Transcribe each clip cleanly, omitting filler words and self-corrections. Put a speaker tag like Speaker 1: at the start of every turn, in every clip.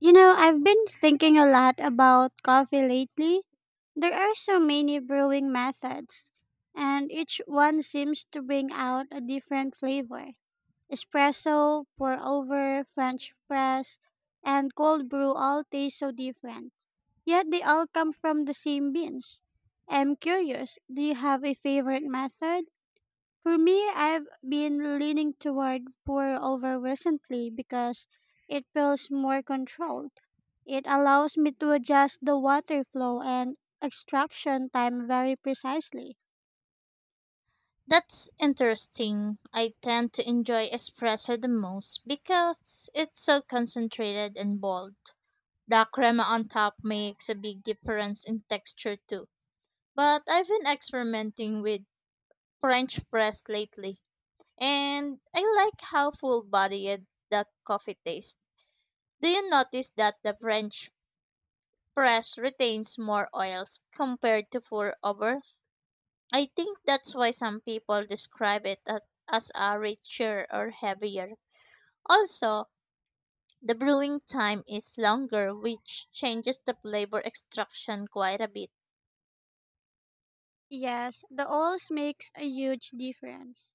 Speaker 1: You know, I've been thinking a lot about coffee lately. There are so many brewing methods, and each one seems to bring out a different flavor. Espresso, pour over, French press, and cold brew all taste so different, yet they all come from the same beans. I'm curious, do you have a favorite method? For me, I've been leaning toward pour over recently because it feels more controlled it allows me to adjust the water flow and extraction time very precisely.
Speaker 2: That's interesting. I tend to enjoy espresso the most because it's so concentrated and bold. The crema on top makes a big difference in texture too. But I've been experimenting with French press lately, and I like how full bodied the coffee tastes. Do you notice that the French press retains more oils compared to pour over? I think that's why some people describe it as a richer or heavier. Also, the brewing time is longer, which changes the flavor extraction quite a bit.
Speaker 1: Yes, the oils makes a huge difference.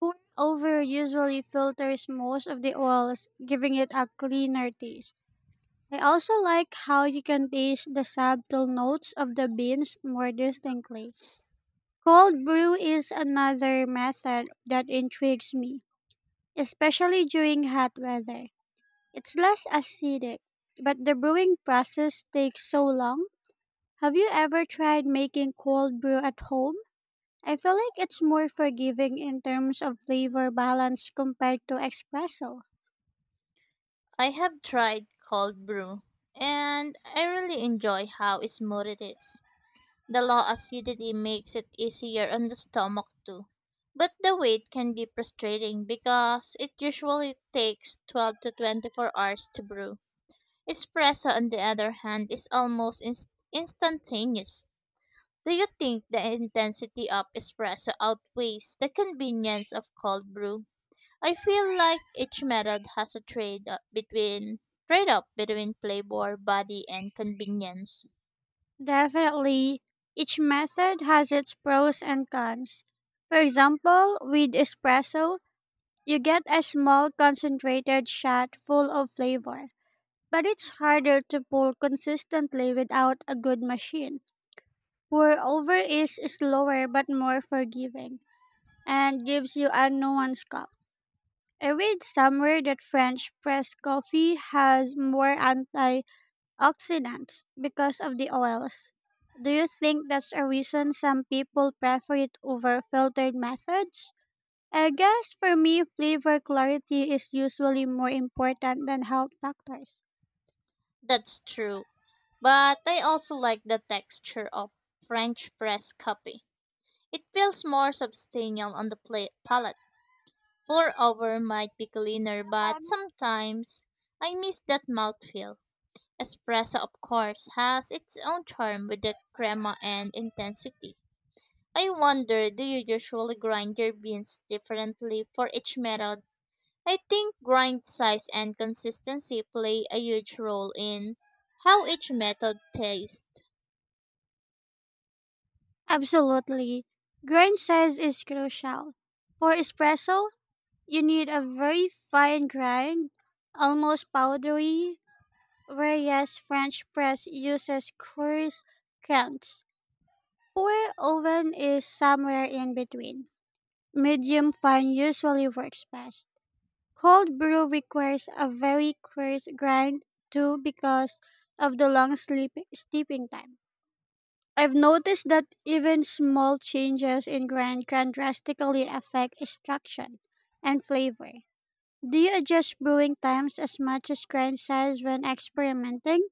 Speaker 1: Pour-over usually filters most of the oils, giving it a cleaner taste. I also like how you can taste the subtle notes of the beans more distinctly. Cold brew is another method that intrigues me, especially during hot weather. It's less acidic, but the brewing process takes so long. Have you ever tried making cold brew at home? I feel like it's more forgiving in terms of flavor balance compared to espresso.
Speaker 2: I have tried cold brew, and I really enjoy how smooth it is. The low acidity makes it easier on the stomach too. But the wait can be frustrating because it usually takes 12 to 24 hours to brew. Espresso, on the other hand, is almost instantaneous. Do you think the intensity of espresso outweighs the convenience of cold brew? I feel like each method has a trade off between flavor, body, and convenience.
Speaker 1: Definitely, each method has its pros and cons. For example, with espresso, you get a small concentrated shot full of flavor, but it's harder to pull consistently without a good machine. Moreover, is slower but more forgiving and gives you a nuanced cup. I read somewhere that French press coffee has more antioxidants because of the oils. Do you think that's a reason some people prefer it over filtered methods? I guess for me, flavor clarity is usually more important than health factors.
Speaker 2: That's true, but I also like the texture of French press coffee. It feels more substantial on the palate. Pour-over might be cleaner, but sometimes I miss that mouthfeel. Espresso, of course, has its own charm with the crema and intensity. I wonder, do you usually grind your beans differently for each method? I think grind size and consistency play a huge role in how each method tastes.
Speaker 1: Absolutely. Grind size is crucial. For espresso, you need a very fine grind, almost powdery, whereas French press uses coarse crunch. Pour oven is somewhere in between. Medium fine usually works best. Cold brew requires a very coarse grind too because of the long steeping time. I've noticed that even small changes in grind can drastically affect extraction and flavor. Do you adjust brewing times as much as grind size when experimenting?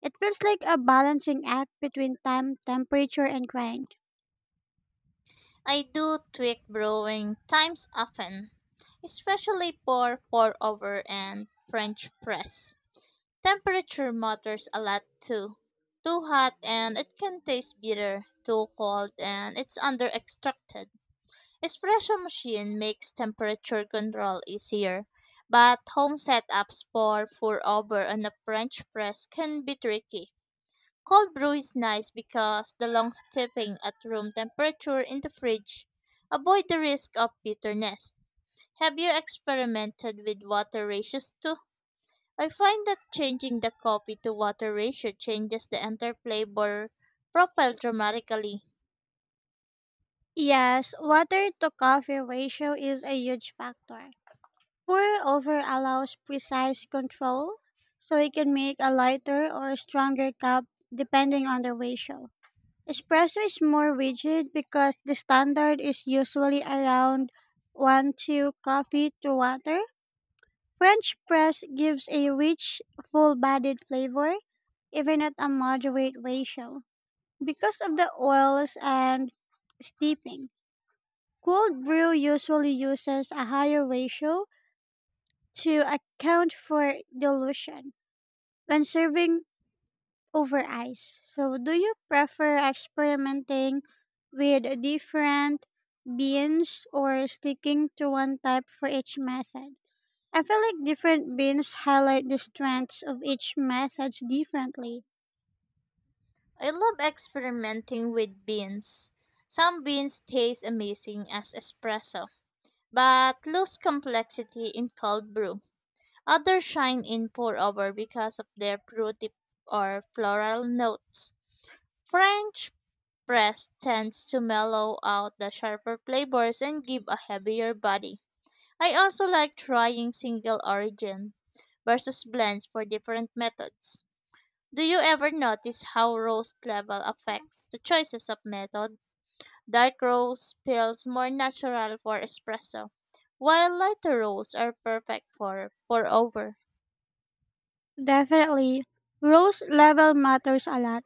Speaker 1: It feels like a balancing act between time, temperature, and grind.
Speaker 2: I do tweak brewing times often, especially for pour-over and French press. Temperature matters a lot too. Too hot and it can taste bitter, too cold and it's under extracted. Espresso machine makes temperature control easier, but home setups pour over on a French press can be tricky. Cold brew is nice because the long steeping at room temperature in the fridge avoid the risk of bitterness. Have you experimented with water ratios too? I find that changing the coffee to water ratio changes the entire flavor profile dramatically.
Speaker 1: Yes, water to coffee ratio is a huge factor. Pour over allows precise control, so you can make a lighter or stronger cup depending on the ratio. Espresso is more rigid because the standard is usually around 1 to coffee to water French press gives a rich, full bodied flavor, even at a moderate ratio. Because of the oils and steeping, cold brew usually uses a higher ratio to account for dilution when serving over ice. So, do you prefer experimenting with different beans or sticking to one type for each method? I feel like different beans highlight the strengths of each message differently.
Speaker 2: I love experimenting with beans. Some beans taste amazing as espresso, but lose complexity in cold brew. Others shine in pour over because of their fruity or floral notes. French press tends to mellow out the sharper flavors and give a heavier body. I also like trying single origin versus blends for different methods. Do you ever notice how roast level affects the choices of method? Dark roast feels more natural for espresso, while lighter roasts are perfect for pour over.
Speaker 1: Definitely. Rose level matters a lot.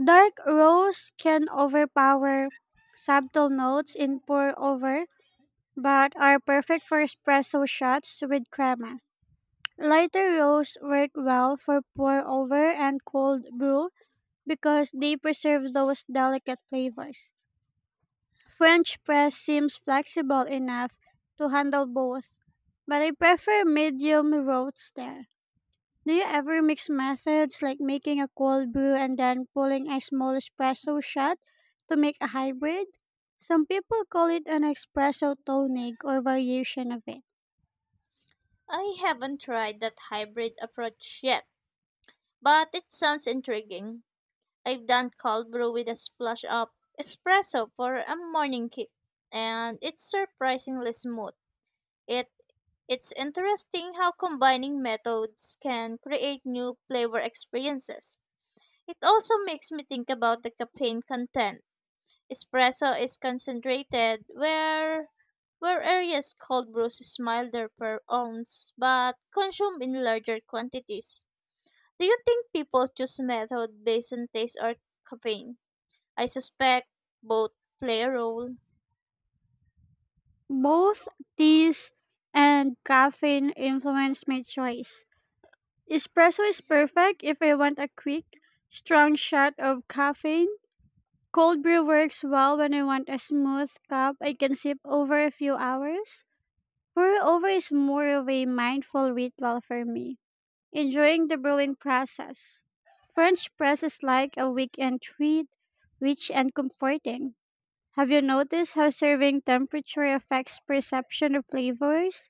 Speaker 1: Dark rose can overpower subtle notes in pour over, but are perfect for espresso shots with crema. Lighter rose work well for pour over and cold brew because they preserve those delicate flavors. French press seems flexible enough to handle both, but I prefer medium roast there. Do you ever mix methods like making a cold brew and then pulling a small espresso shot to make a hybrid? Some people call it an espresso tonic or variation of it.
Speaker 2: I haven't tried that hybrid approach yet, but it sounds intriguing. I've done cold brew with a splash of espresso for a morning kick, and it's surprisingly smooth. It it's interesting how combining methods can create new flavor experiences. It also makes me think about the caffeine content. Espresso is concentrated, where areas cold brews is milder per ounce but consumed in larger quantities. Do you think people choose method based on taste or caffeine? I suspect both play a role.
Speaker 1: Both teas and caffeine influence my choice. Espresso is perfect if I want a quick, strong shot of caffeine. Cold brew works well when I want a smooth cup I can sip over a few hours. Pour over is more of a mindful ritual for me, enjoying the brewing process. French press is like a weekend treat, rich and comforting. Have you noticed how serving temperature affects perception of flavors?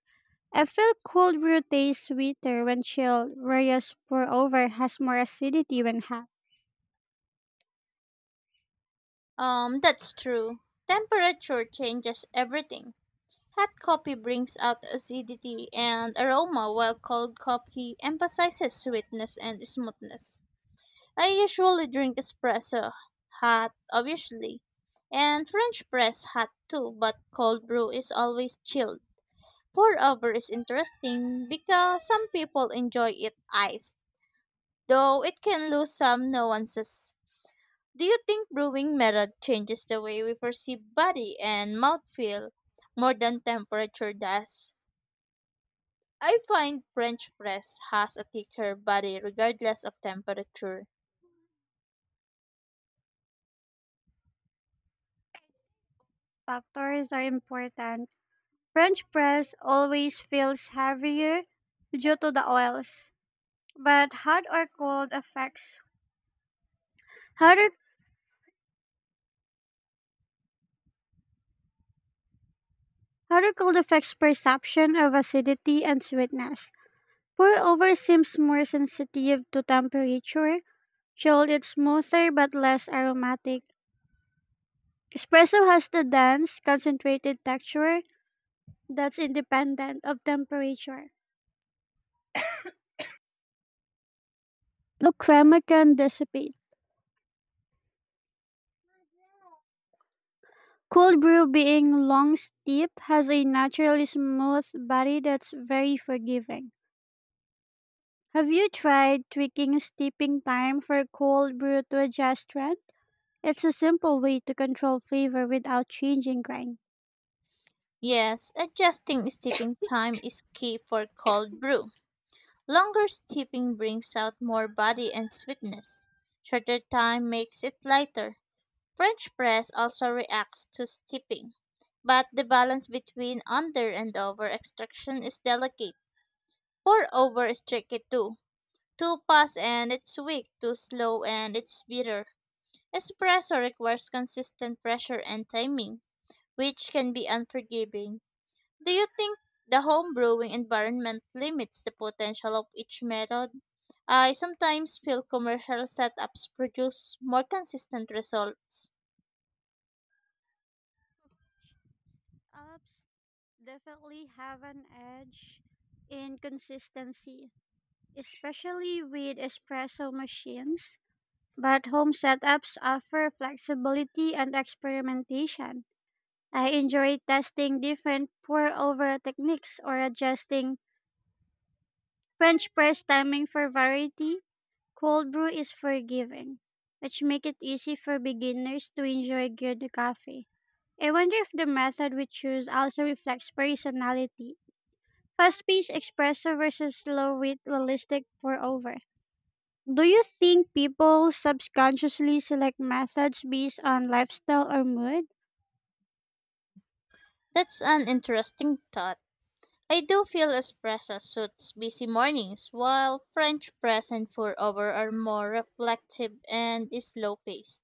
Speaker 1: I feel cold brew tastes sweeter when chilled, whereas pour over has more acidity when hot.
Speaker 2: That's true. Temperature changes everything. Hot coffee brings out acidity and aroma, while cold coffee emphasizes sweetness and smoothness. I usually drink espresso, hot, obviously, and French press hot too, but cold brew is always chilled. Pour over is interesting because some people enjoy it iced, though it can lose some nuances. Do you think brewing method changes the way we perceive body and mouthfeel more than temperature does? I find French press has a thicker body regardless of temperature.
Speaker 1: Factors are important. French press always feels heavier due to the oils, but hot or, hot or cold affects perception of acidity and sweetness. Pour over seems more sensitive to temperature. Chilled it's smoother but less aromatic. Espresso has the dense, concentrated texture that's independent of temperature. The crema can dissipate. Cold brew being long steep has a naturally smooth body that's very forgiving. Have you tried tweaking steeping time for cold brew to adjust strength? It's a simple way to control flavor without changing grind.
Speaker 2: Yes, adjusting steeping time is key for cold brew. Longer steeping brings out more body and sweetness. Shorter time makes it lighter. French press also reacts to steeping, but the balance between under and over extraction is delicate. Pour over is tricky too. Too fast and it's weak, too slow and it's bitter. Espresso requires consistent pressure and timing, which can be unforgiving. Do you think the home brewing environment limits the potential of each method? I sometimes feel commercial setups produce more consistent results.
Speaker 1: Ups definitely have an edge in consistency, especially with espresso machines, but home setups offer flexibility and experimentation. I enjoy testing different pour over techniques or adjusting French press timing for variety. Cold brew is forgiving, which make it easy for beginners to enjoy good coffee. I wonder if the method we choose also reflects personality. Fast paced espresso versus slow with realistic pour over. Do you think people subconsciously select methods based on lifestyle or mood?
Speaker 2: That's an interesting thought. I do feel espresso suits busy mornings, while French press and pour over are more reflective and slow paced.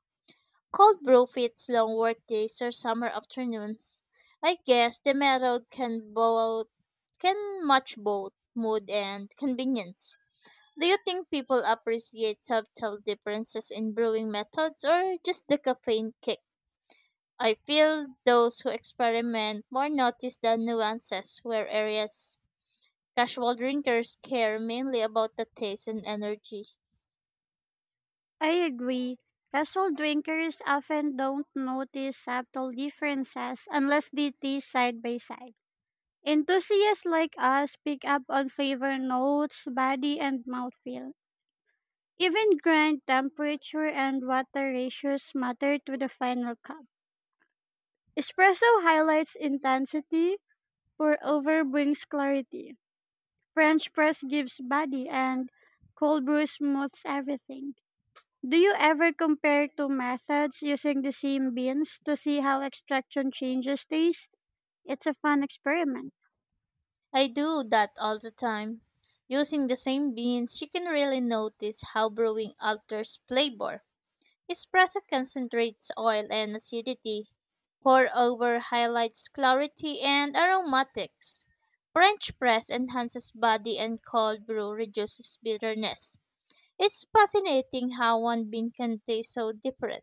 Speaker 2: Cold brew fits long workdays or summer afternoons. I guess the method can match both mood and convenience. Do you think people appreciate subtle differences in brewing methods or just the caffeine kick? I feel those who experiment more notice the nuances, whereas casual drinkers care mainly about the taste and energy.
Speaker 1: I agree. Casual drinkers often don't notice subtle differences unless they taste side by side. Enthusiasts like us pick up on flavor notes, body, and mouthfeel. Even grind temperature and water ratios matter to the final cup. Espresso highlights intensity, pour over brings clarity. French press gives body, and cold brew smooths everything. Do you ever compare two methods using the same beans to see how extraction changes taste? It's a fun experiment.
Speaker 2: I do that all the time. Using the same beans, you can really notice how brewing alters flavor. Espresso concentrates oil and acidity. Pour over highlights clarity and aromatics. French press enhances body and cold brew reduces bitterness. It's fascinating how one bean can taste so different.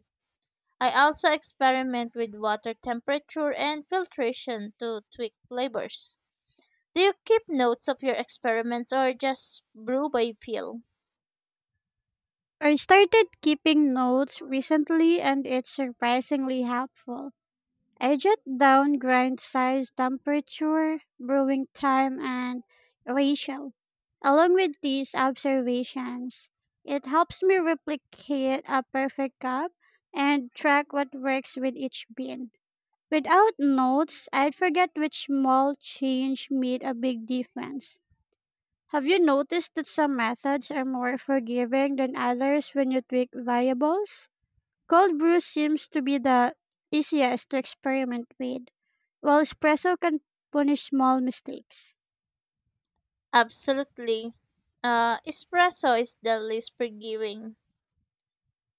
Speaker 2: I also experiment with water temperature and filtration to tweak flavors. Do you keep notes of your experiments or just brew by feel?
Speaker 1: I started keeping notes recently and it's surprisingly helpful. I jot down grind size, temperature, brewing time, and ratio. Along with these observations, it helps me replicate a perfect cup and track what works with each bean. Without notes, I'd forget which small change made a big difference. Have you noticed that some methods are more forgiving than others when you tweak variables? Cold brew seems to be the easiest to experiment with, while espresso can punish small mistakes.
Speaker 2: Absolutely. Espresso is the least forgiving,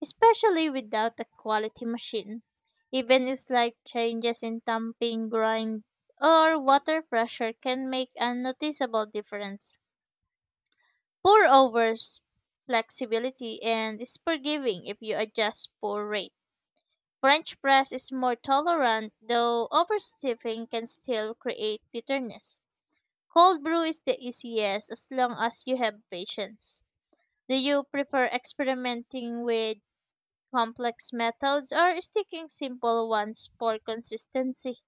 Speaker 2: especially without a quality machine. Even slight changes in tamping, grind, or water pressure can make a noticeable difference. Pour overs flexibility and is forgiving if you adjust pour rate. French press is more tolerant, though overstiffing can still create bitterness. Cold brew is the easiest as long as you have patience. Do you prefer experimenting with complex methods or sticking simple ones for consistency?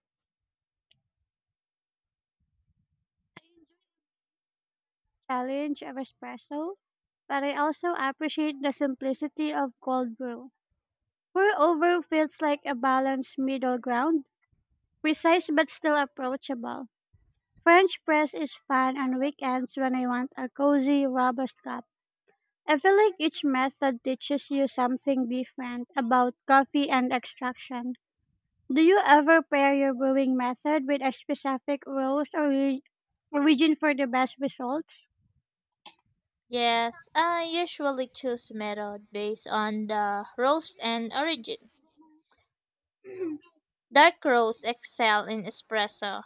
Speaker 1: Challenge of espresso, but I also appreciate the simplicity of cold brew. Pour over feels like a balanced middle ground, precise but still approachable. French press is fun on weekends when I want a cozy, robust cup. I feel like each method teaches you something different about coffee and extraction. Do you ever pair your brewing method with a specific roast or origin for the best results?
Speaker 2: Yes, I usually choose method based on the roast and origin. Dark roasts excel in espresso.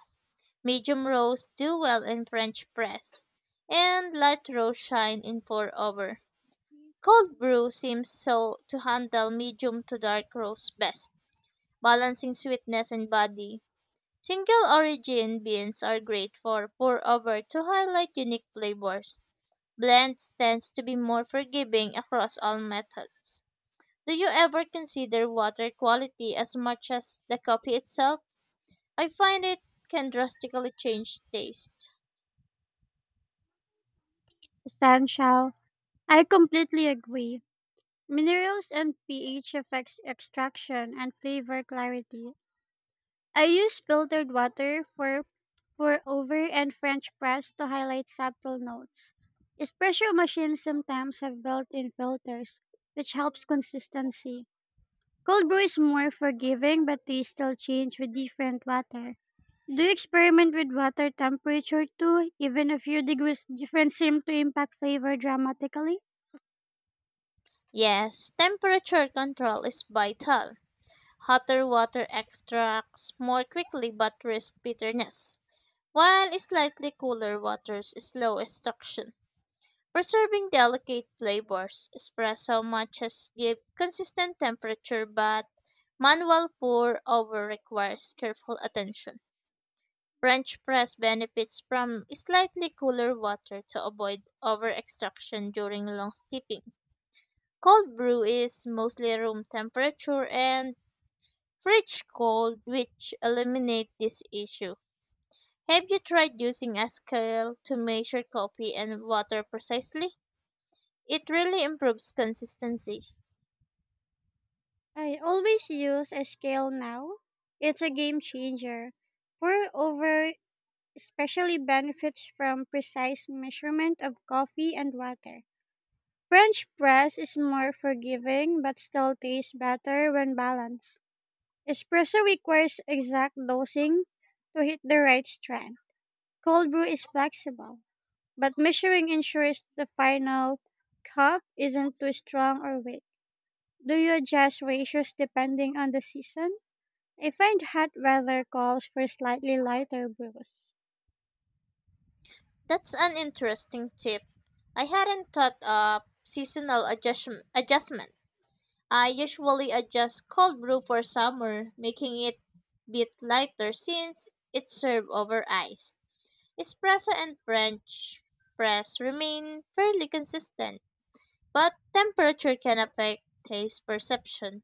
Speaker 2: Medium roasts do well in French press. And light roasts shine in pour over. Cold brew seems so to handle medium to dark roasts best, balancing sweetness and body. Single origin beans are great for pour over to highlight unique flavors. Blends tends to be more forgiving across all methods. Do you ever consider water quality as much as the coffee itself? I find it can drastically change taste.
Speaker 1: Essential. I completely agree. Minerals and pH affects extraction and flavor clarity. I use filtered water for pour over and French press to highlight subtle notes. Espresso machines sometimes have built-in filters, which helps consistency. Cold brew is more forgiving, but they still change with different water. Do you experiment with water temperature too? Even a few degrees difference seem to impact flavor dramatically.
Speaker 2: Yes, temperature control is vital. Hotter water extracts more quickly but risk bitterness, while slightly cooler waters slow extraction. Preserving delicate flavors, espresso matches give consistent temperature, but manual pour over requires careful attention. French press benefits from slightly cooler water to avoid over extraction during long steeping. Cold brew is mostly room temperature and fridge cold, which eliminate this issue. Have you tried using a scale to measure coffee and water precisely? It really improves consistency.
Speaker 1: I always use a scale now. It's a game changer. Pour over especially benefits from precise measurement of coffee and water. French press is more forgiving but still tastes better when balanced. Espresso requires exact dosing to hit the right strength. Cold brew is flexible, but measuring ensures the final cup isn't too strong or weak. Do you adjust ratios depending on the season? I find hot weather calls for slightly lighter brews.
Speaker 2: That's an interesting tip. I hadn't thought of seasonal adjustment. I usually adjust cold brew for summer, making it bit lighter since it's served over ice. Espresso and French press remain fairly consistent, but temperature can affect taste perception.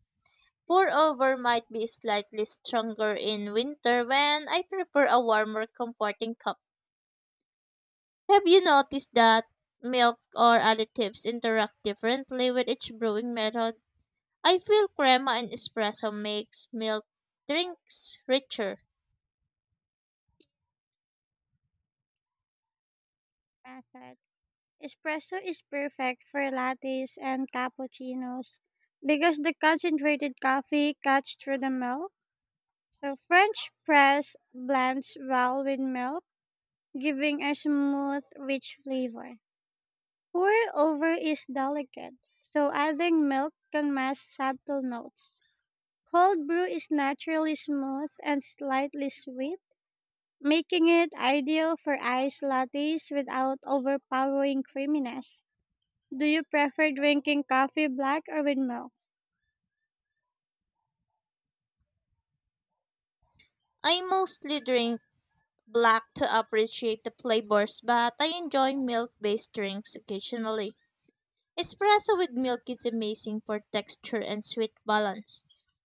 Speaker 2: Pour over might be slightly stronger in winter when I prefer a warmer, comforting cup. Have you noticed that milk or additives interact differently with each brewing method? I feel crema and espresso makes milk drinks richer.
Speaker 1: Method. Espresso is perfect for lattes and cappuccinos because the concentrated coffee cuts through the milk. So French press blends well with milk, giving a smooth, rich flavor. Pour over is delicate, so adding milk can mask subtle notes. Cold brew is naturally smooth and slightly sweet, making it ideal for iced lattes without overpowering creaminess. Do you prefer drinking coffee black or with milk?
Speaker 2: I mostly drink black to appreciate the flavors, but I enjoy milk-based drinks occasionally. Espresso with milk is amazing for texture and sweet balance.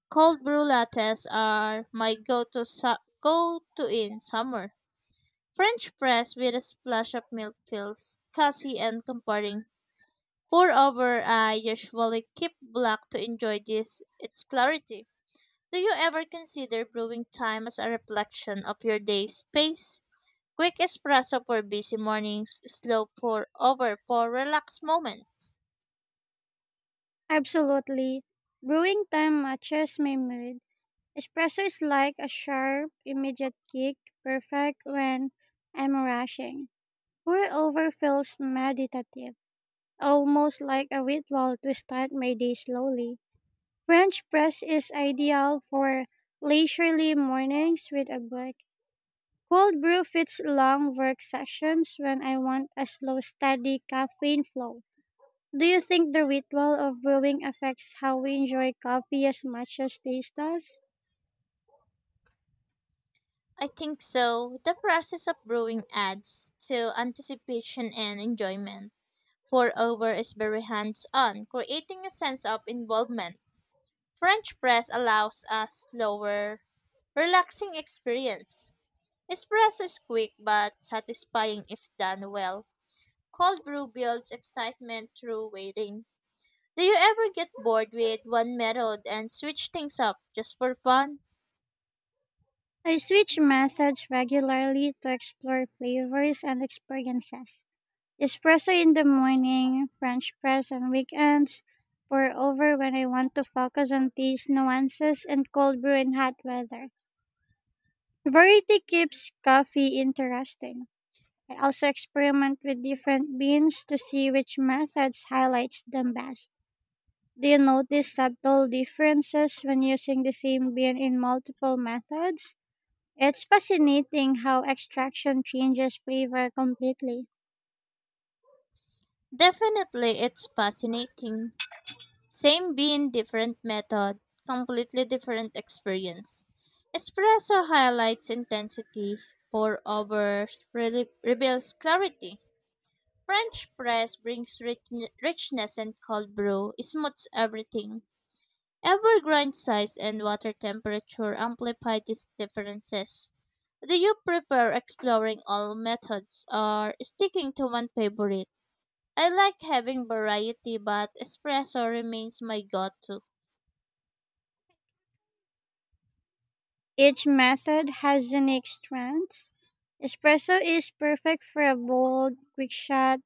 Speaker 2: Cold brew lattes are my go-to in summer. French press with a splash of milk fills, cozy and comforting. Pour over, I usually keep black to enjoy this its clarity. Do you ever consider brewing time as a reflection of your day's pace? Quick espresso for busy mornings, slow pour over for relaxed moments.
Speaker 1: Absolutely. Brewing time matches my mood. Espresso is like a sharp, immediate kick, perfect when I'm rushing. Pour over feels meditative, almost like a ritual to start my day slowly. French press is ideal for leisurely mornings with a break. Cold brew fits long work sessions when I want a slow, steady caffeine flow. Do you think the ritual of brewing affects how we enjoy coffee as much as taste does?
Speaker 2: I think so. The process of brewing adds to anticipation and enjoyment. Pour over is very hands on, creating a sense of involvement. French press allows a slower, relaxing experience. Espresso is quick but satisfying if done well. Cold brew builds excitement through waiting. Do you ever get bored with one method and switch things up just for fun?
Speaker 1: I switch methods regularly to explore flavors and experiences. Espresso in the morning, French press on weekends, pour over when I want to focus on taste nuances, and cold brew in hot weather. Variety keeps coffee interesting. I also experiment with different beans to see which methods highlights them best. Do you notice subtle differences when using the same bean in multiple methods? It's fascinating how extraction changes flavor completely.
Speaker 2: Definitely, it's fascinating. Same bean, different method, completely different experience. Espresso highlights intensity, reveals clarity. French press brings richness and cold brew smooths everything. Ever grind size and water temperature amplify these differences. Do you prefer exploring all methods or sticking to one favorite? I like having variety, but espresso remains my go-to.
Speaker 1: Each method has unique strengths. Espresso is perfect for a bold, quick shot.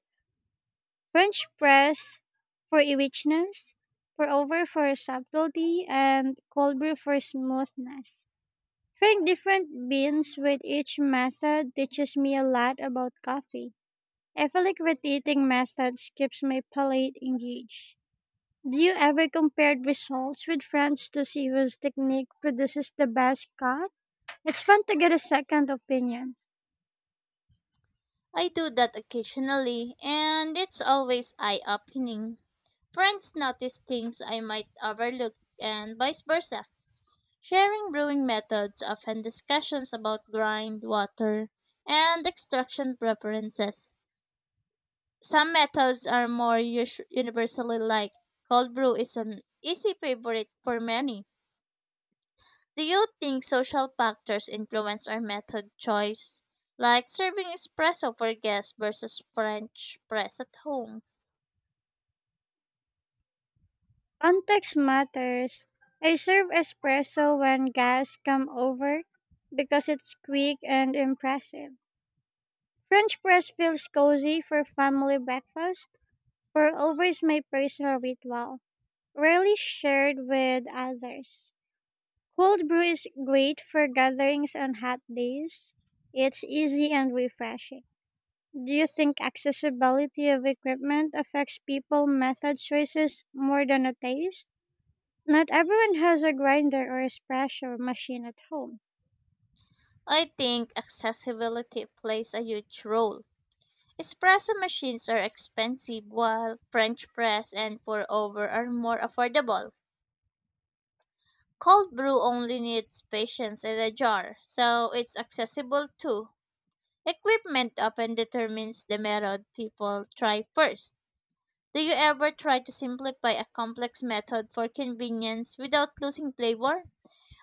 Speaker 1: French press for a richness, pour over for subtlety, and cold brew for smoothness. Trying different beans with each method teaches me a lot about coffee. I feel like rotating methods keeps my palate engaged. Do you ever compare results with friends to see whose technique produces the best cut? It's fun to get a second opinion.
Speaker 2: I do that occasionally, and it's always eye-opening. Friends notice things I might overlook, and vice versa. Sharing brewing methods, often discussions about grind, water, and extraction preferences. Some methods are more universally liked. Cold brew is an easy favorite for many. Do you think social factors influence our method choice? Like serving espresso for guests versus French press at home.
Speaker 1: Context matters. I serve espresso when guests come over because it's quick and impressive. French press feels cozy for family breakfast. Pour over is my personal ritual, rarely shared with others. Cold brew is great for gatherings on hot days. It's easy and refreshing. Do you think accessibility of equipment affects people method choices more than a taste? Not everyone has a grinder or espresso machine at home.
Speaker 2: I think accessibility plays a huge role. Espresso machines are expensive while French press and pour over are more affordable. Cold brew only needs patience and a jar, so it's accessible too. Equipment often determines the method people try first. Do you ever try to simplify a complex method for convenience without losing flavor?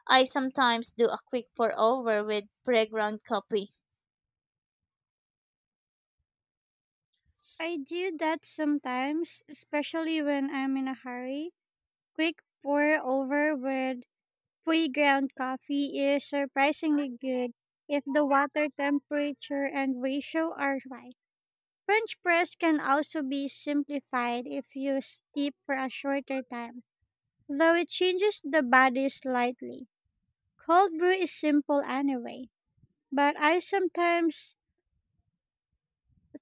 Speaker 2: I sometimes do a quick pour over with pre-ground coffee.
Speaker 1: I do that sometimes, especially when I'm in a hurry. Quick pour over with pre-ground coffee is surprisingly good if the water temperature and ratio are right. French press can also be simplified if used steep for a shorter time, though it changes the body slightly. Cold brew is simple anyway, but I sometimes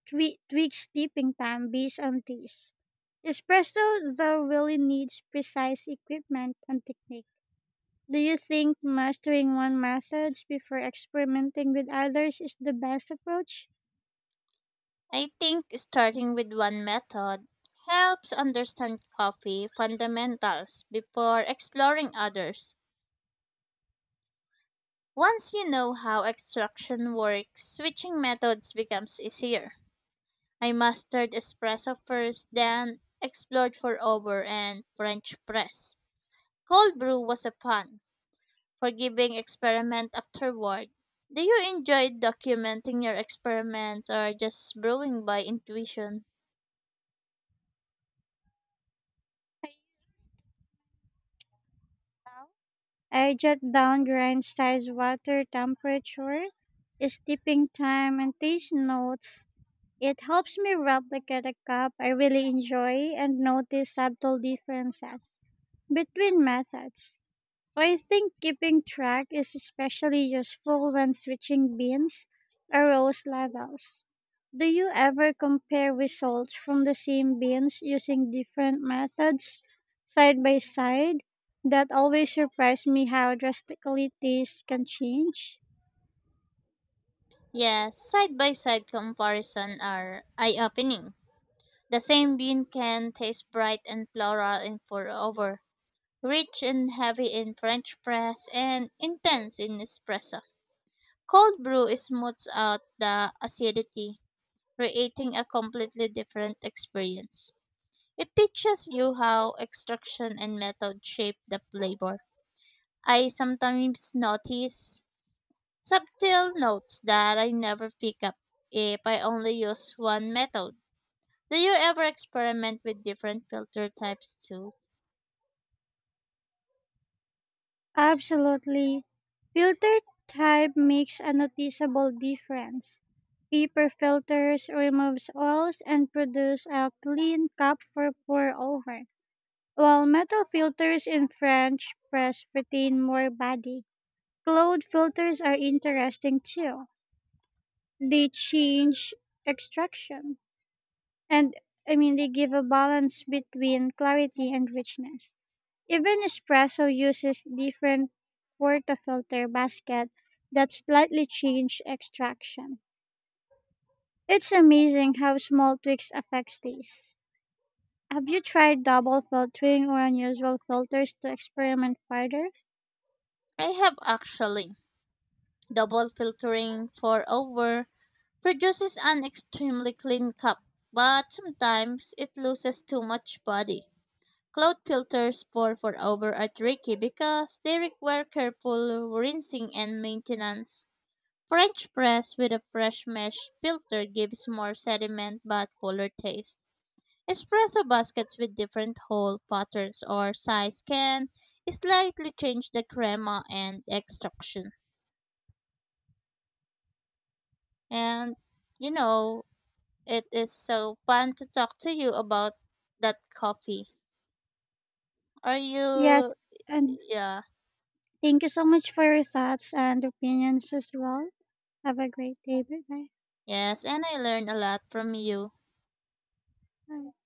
Speaker 1: tweak steeping time based on taste. Espresso, though, really needs precise equipment and technique. Do you think mastering one method before experimenting with others is the best approach?
Speaker 2: I think starting with one method helps understand coffee fundamentals before exploring others. Once you know how extraction works, switching methods becomes easier. I mastered espresso first, then explored for over and French press. Cold brew was a fun, forgiving experiment afterward. Do you enjoy documenting your experiments or just brewing by intuition?
Speaker 1: I jot down grind size, water temperature, steeping time, and taste notes. It helps me replicate a cup I really enjoy and notice subtle differences between methods. So I think keeping track is especially useful when switching beans or roast levels. Do you ever compare results from the same beans using different methods side by side? That always surprised me how drastically taste can change.
Speaker 2: Yes, side-by-side comparison are eye-opening. The same bean can taste bright and floral in pour-over, rich and heavy in French press, and intense in espresso. Cold brew smooths out the acidity, creating a completely different experience. It teaches you how extraction and method shape the flavor. I sometimes notice subtle notes that I never pick up if I only use one method. Do you ever experiment with different filter types too?
Speaker 1: Absolutely. Filter type makes a noticeable difference. Paper filters removes oils and produce a clean cup for pour over while metal filters in French press retain more body, cloud filters are interesting too. They change extraction, and I mean, they give a balance between clarity and richness. Even espresso uses different portafilter basket that slightly change extraction. It's amazing how small tweaks affects taste. Have you tried double filtering or unusual filters to experiment further?
Speaker 2: I have actually. Double filtering for over produces an extremely clean cup, but sometimes it loses too much body. Cloud filters for over are tricky because they require careful rinsing and maintenance. French press with a fresh mesh filter gives more sediment but fuller taste. Espresso baskets with different hole patterns or size can slightly change the crema and extraction. And you know, it is so fun to talk to you about that coffee. Are
Speaker 1: Yes,
Speaker 2: you
Speaker 1: and
Speaker 2: yeah,
Speaker 1: thank you so much for your thoughts and opinions as well. Have a great day. Bye
Speaker 2: yes, and I learned a lot from you.
Speaker 1: bye.